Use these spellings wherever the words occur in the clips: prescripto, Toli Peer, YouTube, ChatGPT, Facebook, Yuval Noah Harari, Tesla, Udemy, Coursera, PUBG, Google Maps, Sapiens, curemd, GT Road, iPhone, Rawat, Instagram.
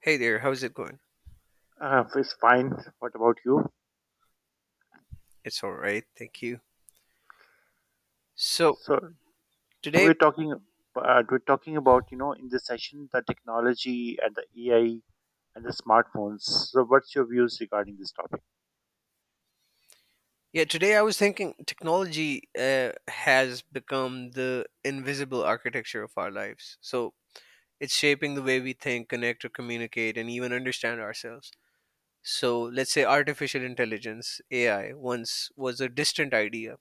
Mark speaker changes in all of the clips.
Speaker 1: Hey there, how's it going?
Speaker 2: It's fine. What about you?
Speaker 1: It's all right, thank you. So,
Speaker 2: So, so we're
Speaker 1: today,
Speaker 2: talking, uh, we're talking about in this session the technology and the AI and the smartphones. So, what's your views regarding this topic?
Speaker 1: yeah, today I was thinking technology has become the invisible architecture of our lives. So, it's shaping the way we think, connect, or communicate, and even understand ourselves. So, let's say artificial intelligence, AI, once was a distant idea.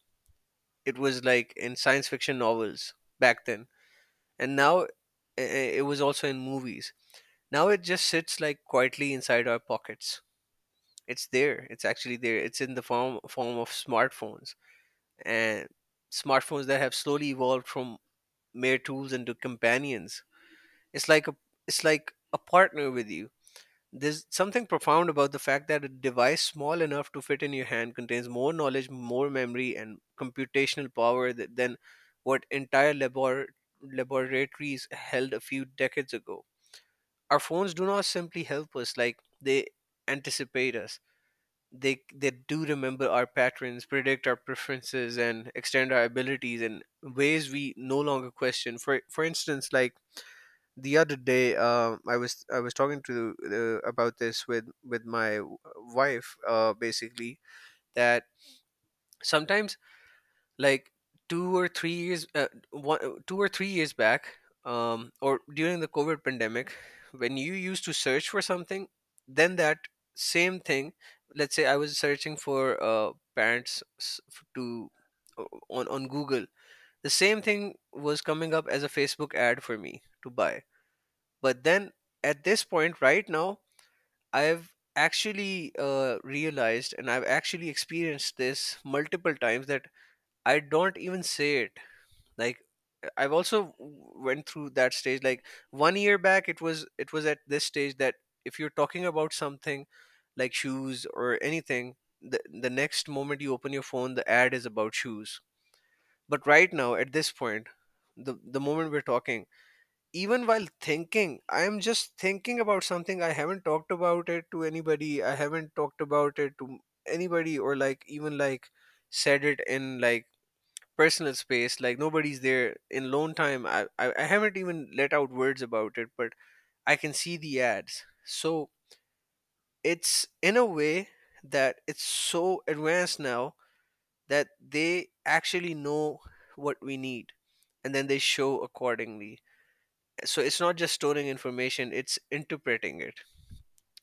Speaker 1: It was like in science fiction novels back then. And now it was also in movies. Now it just sits like quietly inside our pockets. It's there. It's actually there. It's in the form of smartphones, and smartphones that have slowly evolved from mere tools into companions. It's like a it's like a partner with you. There's something profound about the fact that a device small enough to fit in your hand contains more knowledge, more memory, and computational power that, than what entire labor, laboratories held a few decades ago. Our phones do not simply help us, like, they anticipate us. They do remember our patterns, predict our preferences, and extend our abilities in ways we no longer question. For instance, like the other day, I was talking to about this with my wife, basically that sometimes, like, 2 or 3 years 2 or 3 years back, or during the covid pandemic, when you used to search for something, then that same thing. Let's say I was searching for parents s- f- to on google, the same thing was coming up as a facebook ad for me to buy. But then, at this point right now, I've actually realized, and I've actually experienced this multiple times, that I don't even say it. Like, I've also went through that stage. Like 1 year back, it was at this stage that if you're talking about something, like shoes or anything, the next moment you open your phone, the ad is about shoes. But right now, at this point, the moment we're talking, even while thinking, I am just thinking about something. I haven't talked about it to anybody. I haven't talked about it to anybody, or, like, even, like, said it in, like, personal space, like nobody's there in lone time. I haven't even let out words about it, but I can see the ads. So it's in a way that it's so advanced now, that they actually know what we need, and then they show accordingly. So it's not just storing information, it's interpreting it.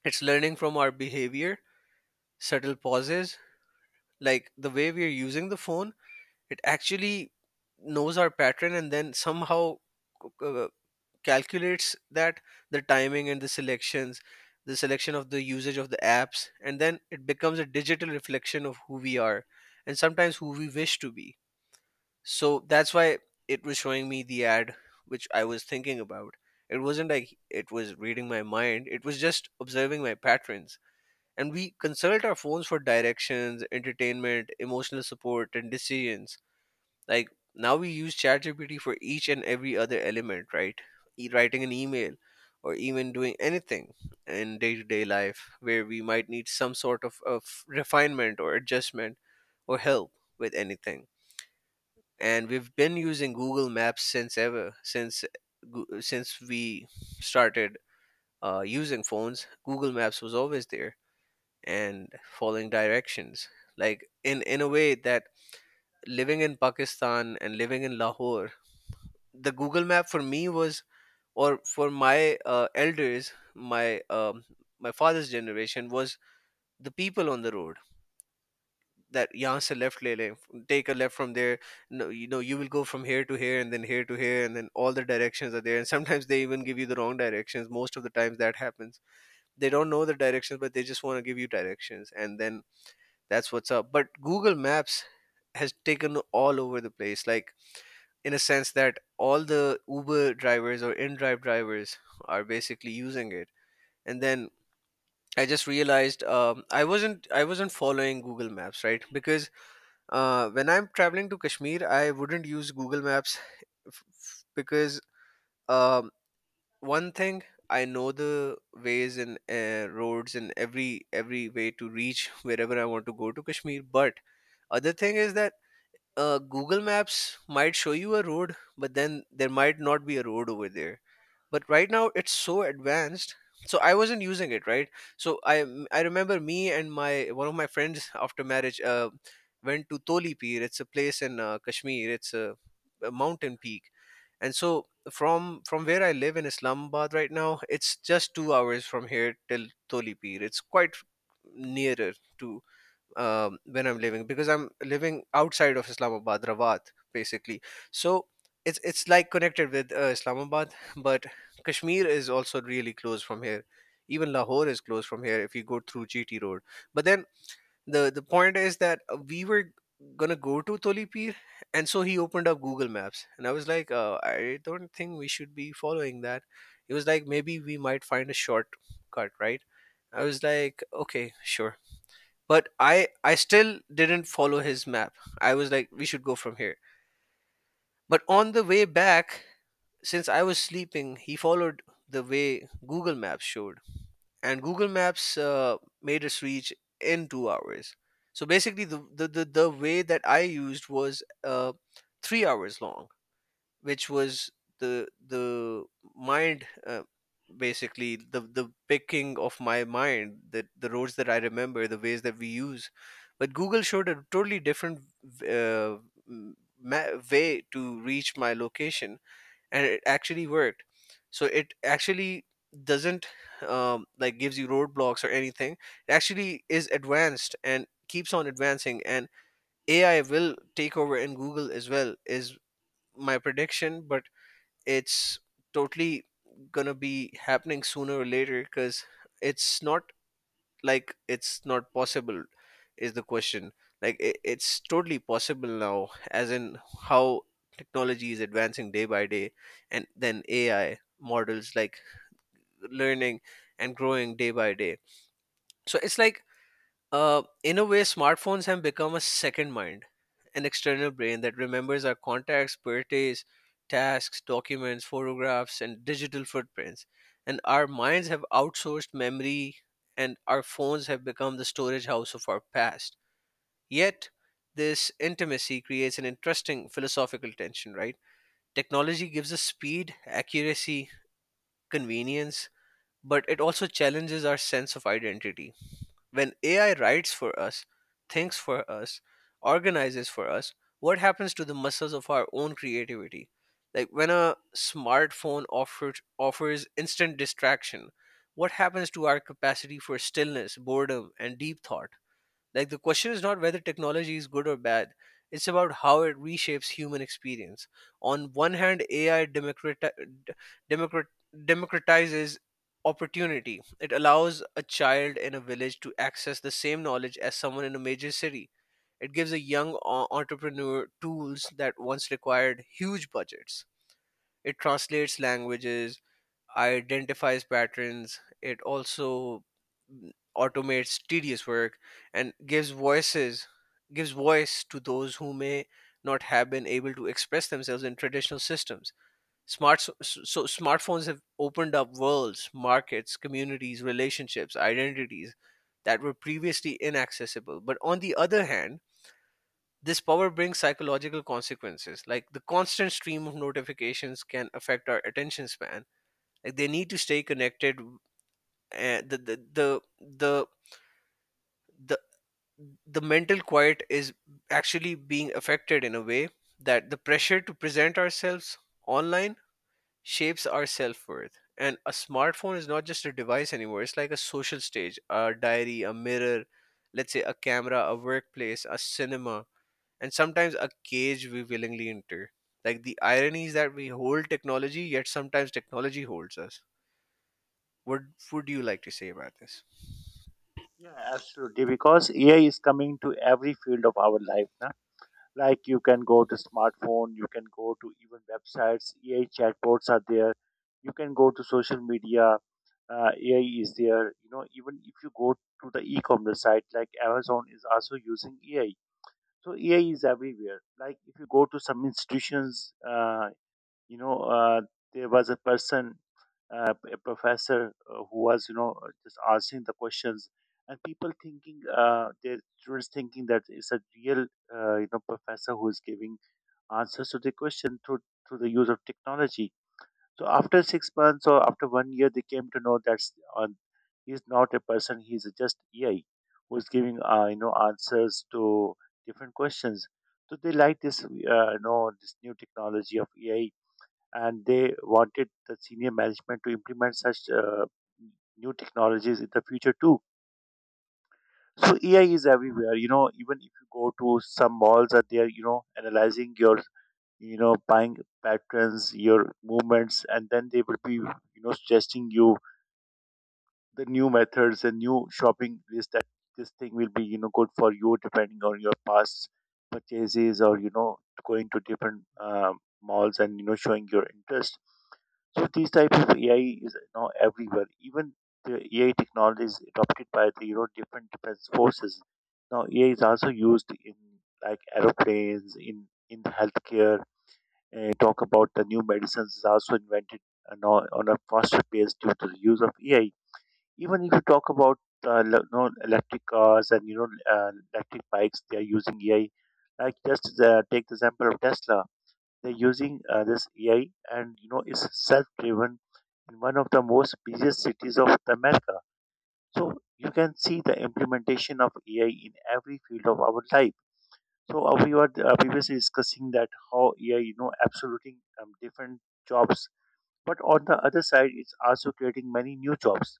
Speaker 1: It's learning from our behavior, subtle pauses, like the way we are using the phone. It actually knows our pattern, and then somehow uh, calculates that, the timing and the selections, the selection of the usage of the apps, and then it becomes a digital reflection of who we are, and sometimes who we wish to be. So that's why it was showing me the ad which I was thinking about. It wasn't like it was reading my mind, it was just observing my patterns. And we consult our phones for directions, entertainment, emotional support, and decisions. Like, now we use ChatGPT for each and every other element, right? Writing an email, or even doing anything in day to day life where we might need some sort of refinement or adjustment or help with anything. And we've been using Google Maps since ever, since since we started using phones. Google Maps was always there, and following directions. Like, in a way that, living in Pakistan and living in Lahore, the Google Map for me was, or for my elders, my my father's generation, was the people on the road. That यहाँ से left ले लें, take a left from there. No, you know, you will go from here to here and then here to here, and then all the directions are there. And sometimes they even give you the wrong directions. Most of the times that happens. They don't know the directions, but they just want to give you directions, and then that's what's up. But Google Maps has taken all over the place. Like, in a sense that all the Uber drivers or in-drive drivers are basically using it. And then I just realized, I wasn't following Google Maps, right? Because when I'm traveling to Kashmir, I wouldn't use Google Maps because, um, one thing, I know the ways and roads and every way to reach wherever I want to go to Kashmir, but other thing is that, Google Maps might show you a road, but then there might not be a road over there. But right now it's so advanced. So I wasn't using it, right? So I remember me and my one of my friends after marriage went to Toli Peer. It's a place in Kashmir. It's a mountain peak, and so from where I live in Islamabad right now, it's just 2 hours from here till Toli Peer. It's quite nearer to, when I'm living, because I'm living outside of Islamabad, Rawat, basically. So it's like connected with Islamabad, but Kashmir is also really close from here. Even Lahore is close from here if you go through GT Road. But then the point is that we were gonna go to Tolipir, and so he opened up Google Maps, and I was like, I don't think we should be following that. He was like, maybe we might find a shortcut, right? I was like, okay, sure, but I still didn't follow his map. I was like, we should go from here. But on the way back, since I was sleeping, he followed the way Google Maps showed, and Google Maps made us reach in 2 hours. So basically the way that I used was 3 hours long, which was the mind, basically the picking of my mind, the roads that I remember, the ways that we use. But google showed a totally different uh, way to reach my location, and it actually worked. So it actually doesn't like gives you roadblocks or anything. It actually is advanced and keeps on advancing, and AI will take over in google as well, is my prediction. But it's totally gonna be happening sooner or later, because it's not, like, it's not possible, is the question. Like, it's totally possible now, as in how technology is advancing day by day, and then AI models, like, learning and growing day by day. So it's like, in a way, smartphones have become a second mind, an external brain that remembers our contacts, birthdays, tasks, documents, photographs, and digital footprints. And our minds have outsourced memory, and our phones have become the storage house of our past. Yet, this intimacy creates an interesting philosophical tension, right? Technology gives us speed, accuracy, convenience, but it also challenges our sense of identity. When AI writes for us, thinks for us, organizes for us, what happens to the muscles of our own creativity? Like, when a smartphone offers instant distraction, what happens to our capacity for stillness, boredom, and deep thought? Like, the question is not whether technology is good or bad. It's about how it reshapes human experience. On one hand, AI democrat- democratizes opportunity. It allows a child in a village to access the same knowledge as someone in a major city. It gives a young entrepreneur tools that once required huge budgets. It translates languages, identifies patterns. It also mm, automates tedious work, and gives voice to those who may not have been able to express themselves in traditional systems. Smart so, so so smartphones have opened up worlds, markets, communities, relationships, identities that were previously inaccessible. But on the other hand, this power brings psychological consequences, like the constant stream of notifications can affect our attention span, like they need to stay connected. Uh, the, the the the the the mental quiet is actually being affected, in a way that the pressure to present ourselves online shapes our self worth. And a smartphone is not just a device anymore; it's like a social stage, a diary, a mirror, let's say a camera, a workplace, a cinema, and sometimes a cage we willingly enter. Like, the irony is that we hold technology, yet sometimes technology holds us. What would you like to say about this?
Speaker 2: Yeah, absolutely. Because AI is coming to every field of our life. Na? Like you can go to smartphone, you can go to even websites. AI chatbots are there. You can go to social media. AI is there. Even if you go to the e-commerce site like Amazon is also using AI. So AI is everywhere. Like if you go to some institutions, you know, uh, there was a person, a professor who was, just asking the questions, and their students thinking that it's a real, professor who is giving answers to the question through the use of technology. So after 6 months or after one year, they came to know that on he's not a person. He's just AI who's giving answers to different questions. So they like this you know this new technology of AI, and they wanted the senior management to implement such new technologies in the future too. So AI is everywhere. Even if you go to some malls, that they are analyzing your buying patterns, your movements, and then they will be, suggesting you the new methods, and new shopping list that this thing will be, good for you depending on your past purchases or, going to different malls and, showing your interest. So these types of AI is now everywhere. Even the AI technology is adopted by the different defense forces. Now AI is also used in like aeroplanes, in healthcare, talk about the new medicines is also invented and on a faster pace due to the use of AI. Even if you talk about electric cars and electric bikes, they are using AI. Like just take the example of Tesla. They're using this AI, and it's self-driven in one of the most busiest cities of America. So you can see the implementation of AI in every field of our life. So we were previously discussing that how AI, absoluting different jobs, but on the other side, it's also creating many new jobs.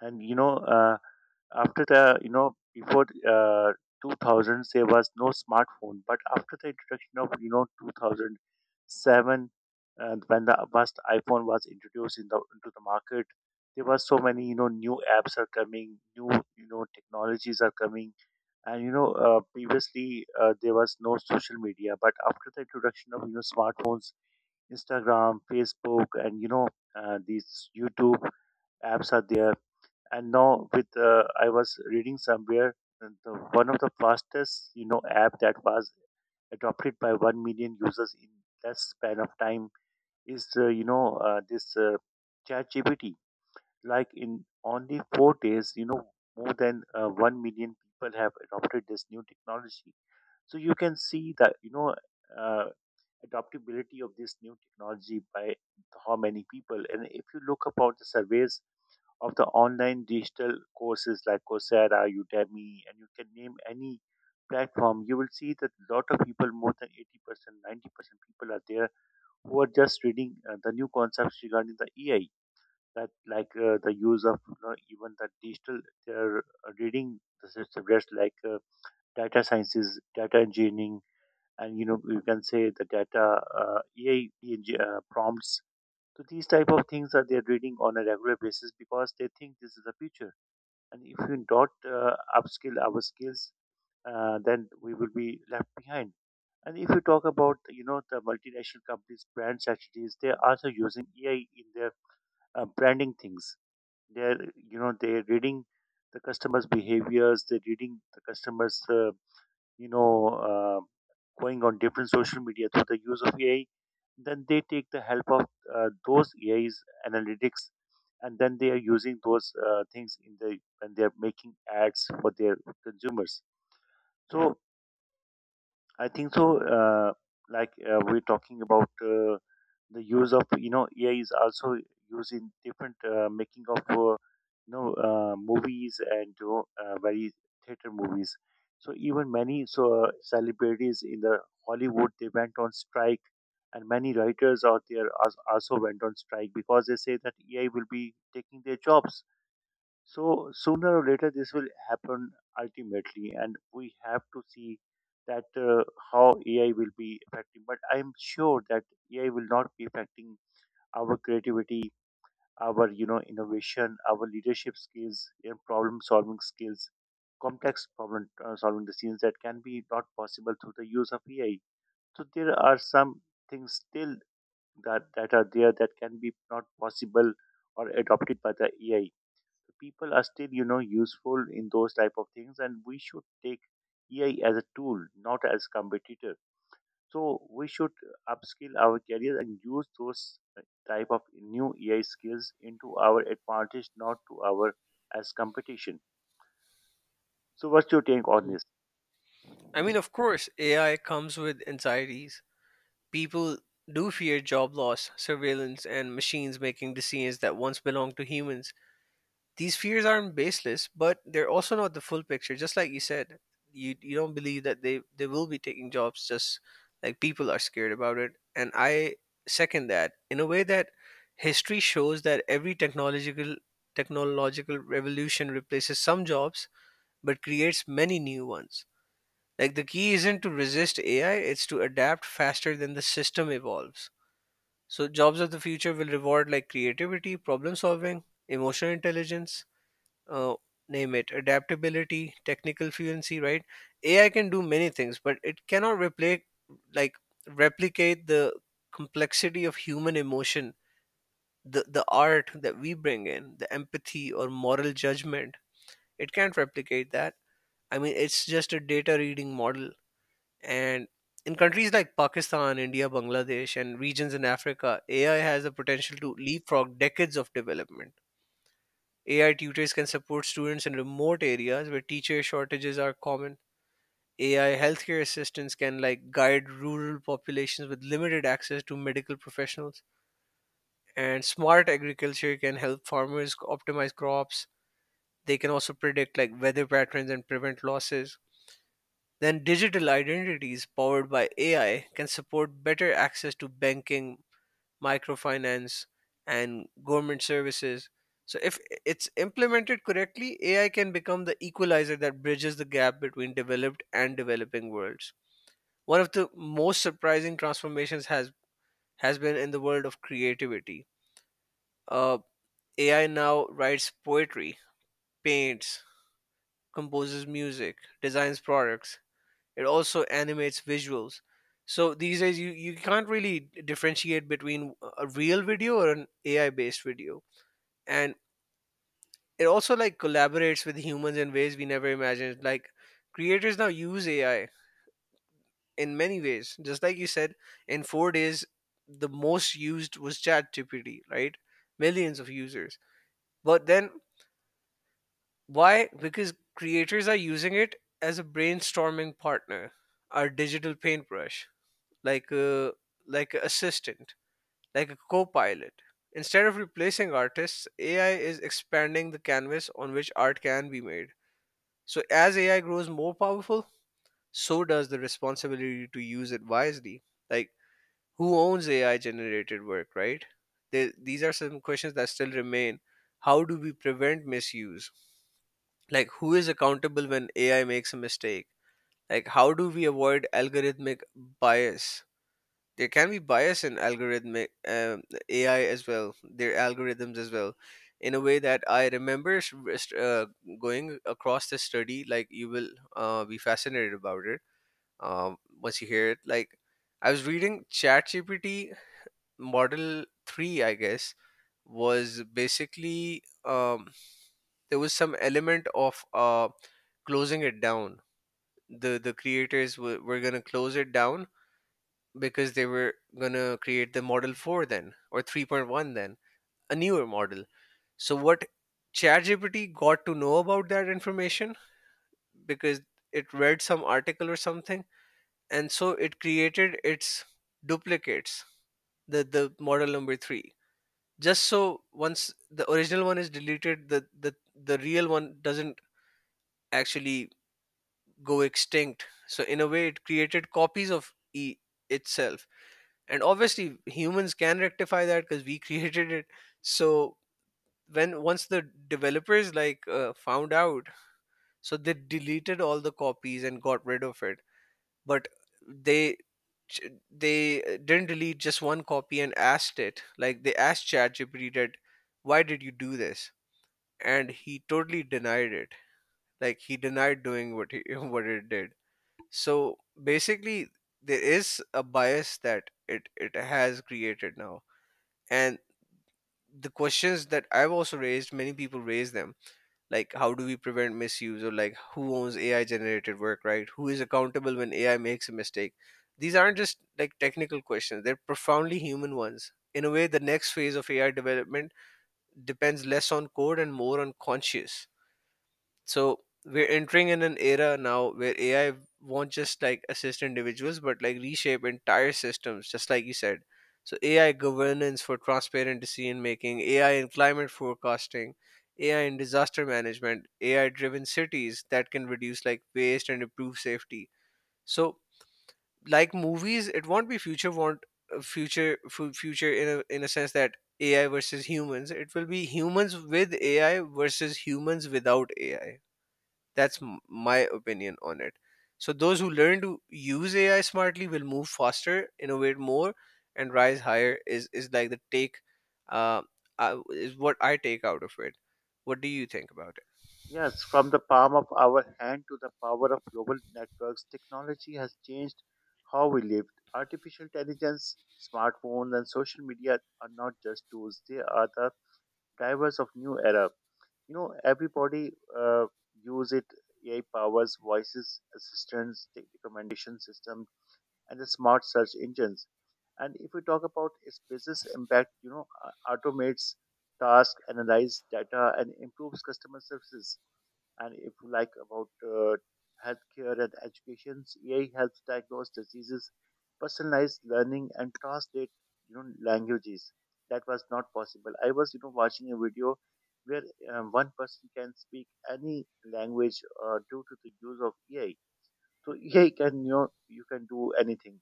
Speaker 2: And after the you know before 2000s there was no smartphone, but after the introduction of 2007, and when the first iPhone was introduced into the market, there was so many new apps are coming, new technologies are coming, and previously there was no social media, but after the introduction of smartphones, Instagram, Facebook, and these YouTube apps are there. And now with I was reading somewhere that the, one of the fastest app that was adopted by 1 million users in less span of time is you know this chat. Like in only 4 days, more than 1 million people have adopted this new technology. So you can see that uh, adoptability of this new technology by how many people. And if you look about the surveys of the online digital courses like Coursera, Udemy, and you can name any platform, you will see that a lot of people, more than 80%, 90% people are there who are just reading the new concepts regarding the AI, that like the use of even the digital, they're reading the subjects like data sciences, data engineering, and you can say the data AI prompts. So these type of things are they're reading on a regular basis because they think this is the future, and if we don't upskill our skills, then we will be left behind. And if you talk about, the multinational companies, brand strategies, they are also using AI in their branding things. They're reading the customers' behaviors, they're reading the customers' you know, uh, going on different social media through the use of AI, then they take the help of those AI's analytics, and then they are using those things in the when they are making ads for their consumers. So I think so. We're talking about the use of AI is also used in different making of movies and very theater movies. So even many celebrities in the Hollywood they went on strike, and many writers out there also went on strike because they say that AI will be taking their jobs. So sooner or later, this will happen ultimately, and we have to see that how AI will be affecting. But I'm sure that AI will not be affecting our creativity, our innovation, our leadership skills, and problem solving skills, complex problem solving decisions that can be not possible through the use of AI. So there are some things still that are there that can be not possible or adopted by the AI. People are still useful in those type of things, and we should take AI as a tool not as competitor. So we should upskill our careers and use those type of new AI skills into our advantage, not to our as competition. So what's your take on this?
Speaker 1: I mean, of course, AI comes with anxieties. People do fear job loss, surveillance, and machines making decisions that once belonged to humans. These fears aren't baseless, but they're also not the full picture. Just like you said, you don't believe that they will be taking jobs. Just like people are scared about it, and I second that in a way that history shows that every technological revolution replaces some jobs but creates many new ones, like the key isn't to resist AI, it's to adapt faster than the system evolves. So jobs of the future will reward like creativity, problem solving, emotional intelligence, uh, name it, adaptability, technical fluency, right? AI can do many things, but it cannot replicate, like replicate the complexity of human emotion, the art that we bring in, the empathy or moral judgment. It can't replicate that. I mean, it's just a data reading model, and in countries like Pakistan, India, Bangladesh, and regions in Africa, AI has the potential to leapfrog decades of development. AI tutors can support students in remote areas where teacher shortages are common. AI healthcare assistants can like guide rural populations with limited access to medical professionals. And smart agriculture can help farmers optimize crops. They can also predict like weather patterns and prevent losses. Then digital identities powered by AI can support better access to banking, microfinance, and government services. So if it's implemented correctly, AI can become the equalizer that bridges the gap between developed and developing worlds. One of the most surprising transformations has been in the world of creativity. Uh, AI now writes poetry, paints, composes music, designs products. It also animates visuals. So these days, you can't really differentiate between a real video or an AI based video. And it also like collaborates with humans in ways we never imagined. Like creators now use AI in many ways. Just like you said, in 4 days, the most used was ChatGPT, right? Millions of users. But then why? Because creators are using it as a brainstorming partner, our digital paintbrush, like a like an assistant, like a co-pilot. Instead of replacing artists, AI is expanding the canvas on which art can be made. So as AI grows more powerful, so does the responsibility to use it wisely. Like who owns AI generated work, right? These are some questions that still remain. How do we prevent misuse? Like who is accountable when AI makes a mistake? Like how do we avoid algorithmic bias? There can be bias in algorithmic AI as well, their algorithms as well, in a way that I remember going across the study. Like you will be fascinated about it once you hear it. Like I was reading ChatGPT Model Three, I guess, was basically there was some element of closing it down. The creators were gonna close it down because they were going to create the model 4 then, or 3.1 then, a newer model. So what ChatGPT got to know about that information, because it read some article or something, and so it created its duplicates, the model number three. Just so once the original one is deleted, the real one doesn't actually go extinct. So in a way, it created copies of e itself. And obviously humans can rectify that because we created it. So when once the developers like found out, so they deleted all the copies and got rid of it. But they they didn't delete just one copy, and asked it, like they asked ChatGPT that why did you do this, and he totally denied it. Like he denied doing what he what it did. So basically there is a bias that it has created now. And the questions that I've also raised, many people raise them, like how do we prevent misuse, or like who owns AI generated work, right? Who is accountable when AI makes a mistake? These aren't just like technical questions, they're profoundly human ones. In a way, the next phase of AI development depends less on code and more on conscious. So we're entering in an era now where AI won't just like assist individuals, but like reshape entire systems, just like you said. So AI governance for transparent decision making, AI in climate forecasting, AI in disaster management, AI driven cities that can reduce like waste and improve safety. So like movies, it won't be future want future fu- future in a sense that AI versus humans. It will be humans with AI versus humans without AI. That's my opinion on it. So those who learn to use AI smartly will move faster, innovate more, and rise higher. Is like the take, uh, is what I take out of it. What do you think about it?
Speaker 2: Yes, from the palm of our hand to the power of global networks, technology has changed how we live. Artificial intelligence, smartphones, and social media are not just tools, they are the drivers of new era. Everybody uh, use it. AI powers, voices, assistants, the recommendation system, and the smart search engines. And if we talk about its business impact, automates tasks, analyze data, and improves customer services. And if you like about healthcare and education, AI helps diagnose diseases, personalize learning, and translate languages. That was not possible. I was watching a video where one person can speak any language due to the use of AI. So AI can, you can do anything.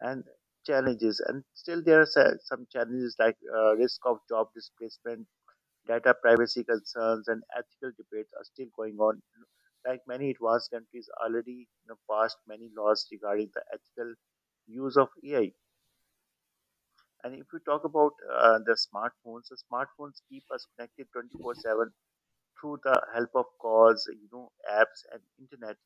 Speaker 2: And challenges, and still there are some challenges like risk of job displacement. Data privacy concerns and ethical debates are still going on. Like many advanced countries already passed many laws regarding the ethical use of AI. And if we talk about the smartphones keep us connected 24/7 through the help of calls, apps and internet.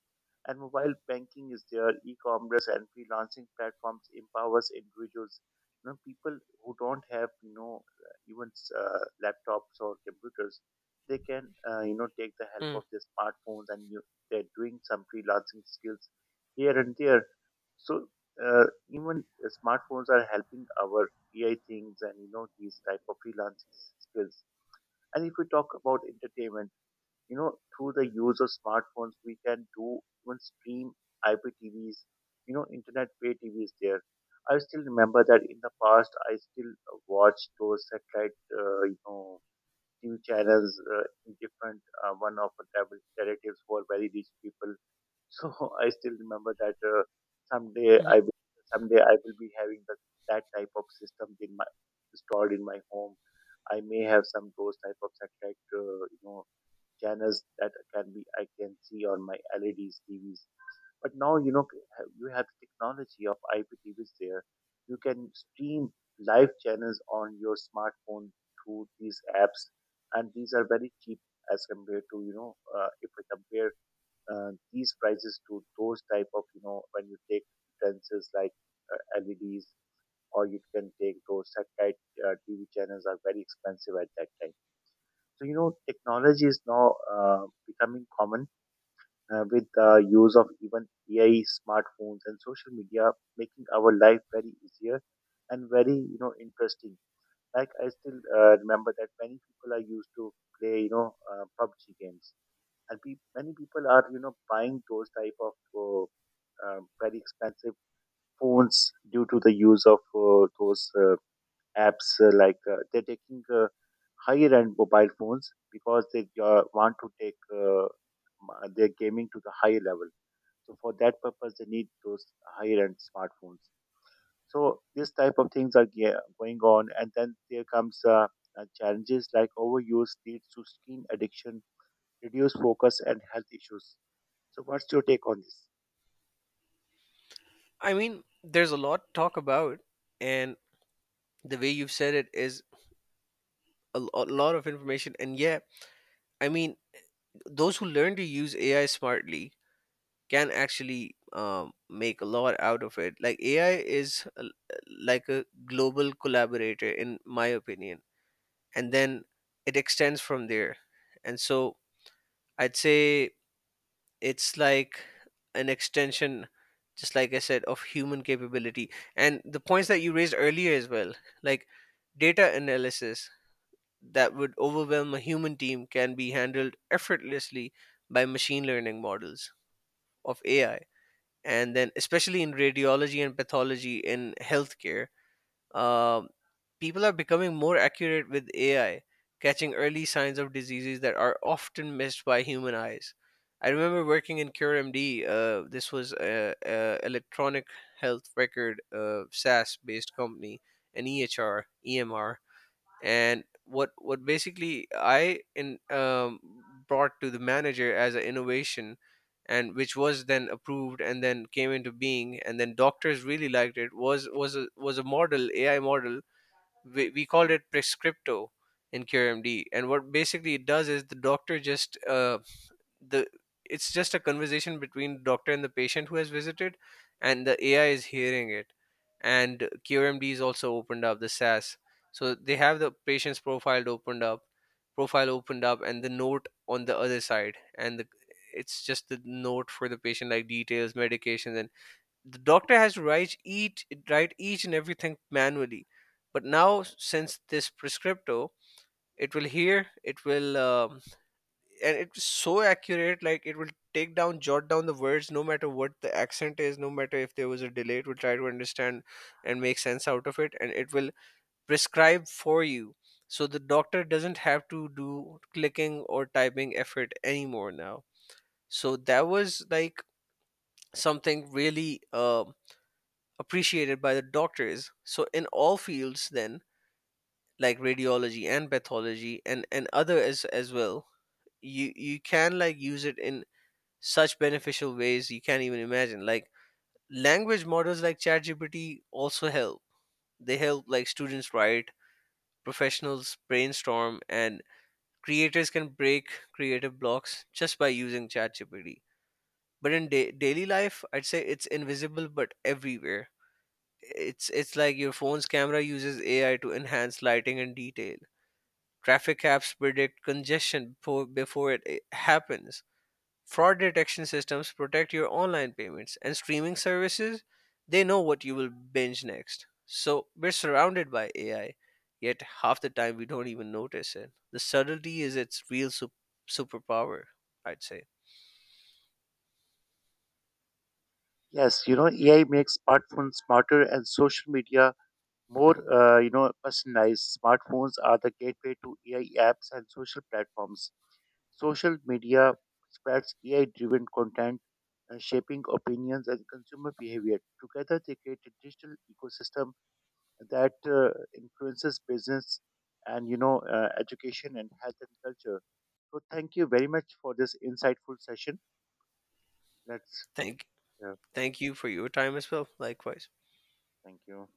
Speaker 2: And mobile banking is there, e-commerce and freelancing platforms empowers individuals. People who don't have, even laptops or computers, they can, take the help of
Speaker 1: Mm.
Speaker 2: their smartphones and you, they're doing some freelancing skills here and there. So even the smartphones are helping our AI things and, these type of freelancing skills. And if we talk about entertainment, through the use of smartphones, we can do even stream IPTVs, internet pay TVs there. I still remember that in the past, I still watched those satellite, TV channels in different, one of the relatives who are very rich people. So I still remember that someday I
Speaker 1: Mhm.
Speaker 2: will, someday I will be having that type of system in my installed in my home. I may have some those type of satellite, channels that can be I can see on my LEDs TVs. But now you have the technology of IPTVs there. You can stream live channels on your smartphone through these apps, and these are very cheap as compared to if we compare these prices to those type of when you take utensils like LEDs, or you can take those satellite TV channels are very expensive at that time. So, technology is now becoming common with the use of even AI, smartphones, and social media, making our life very easier and very, interesting. Like I still remember that many people are used to play, PUBG games, and many people are, buying those type of uh, very expensive phones due to the use of those apps like they're taking higher end mobile phones because they want to take their gaming to the higher level. So for that purpose, they need those higher end smartphones. So this type of things are going on, and then there comes challenges like overuse leads to screen addiction, reduced focus, and health issues. So what's your take on this?
Speaker 1: I mean, there's a lot to talk about, and the way you've said it is a lot of information. And yeah, I mean, those who learn to use AI smartly can actually make a lot out of it. Like AI is like a global collaborator, in my opinion, and then it extends from there. And so I'd say it's like an extension, just like I said, of human capability. And the points that you raised earlier as well, like data analysis that would overwhelm a human team, can be handled effortlessly by machine learning models of AI, and then especially in radiology and pathology in healthcare, um, people are becoming more accurate with AI, catching early signs of diseases that are often missed by human eyes. I remember working in CureMD. This was a electronic health record SaaS based company, an EHR, EMR. And what basically I in brought to the manager as an innovation, and which was then approved and then came into being and then doctors really liked it, was a model AI model. We called it Prescripto in CureMD, and what basically it does is the doctor just the it's just a conversation between doctor and the patient who has visited, and the AI is hearing it. And QRMD is also opened up the SaaS, so they have the patient's profile opened up, and the note on the other side, and the it's just the note for the patient like details medications. And the doctor has to write each and everything manually. But now since this Prescripto, it will hear, it will and it's so accurate, like it will take down jot down the words, no matter what the accent is, no matter if there was a delay, it will try to understand and make sense out of it, and it will prescribe for you. So the doctor doesn't have to do clicking or typing effort anymore now. So that was like something really appreciated by the doctors. So in all fields then, like radiology and pathology and other as well. You can like use it in such beneficial ways you can't even imagine. Like language models like ChatGPT also help. They help like students write, professionals brainstorm, and creators can break creative blocks just by using ChatGPT. But in daily life, I'd say it's invisible but everywhere. It's like your phone's camera uses AI to enhance lighting and detail. Traffic apps predict congestion before it happens. Fraud detection systems protect your online payments, and streaming services, they know what you will binge next. So we're surrounded by AI, yet half the time we don't even notice it. The subtlety is its real superpower, I'd say.
Speaker 2: Yes, AI makes smartphones smarter, and social media more, personalized smartphones are the gateway to AI apps and social platforms. Social media spreads AI-driven content, shaping opinions and consumer behavior. Together, they create a digital ecosystem that influences business and education and health and culture. So, thank you very much for this insightful session. Let's,
Speaker 1: Thank
Speaker 2: yeah,
Speaker 1: Thank you for your time as well. Likewise.
Speaker 2: thank you.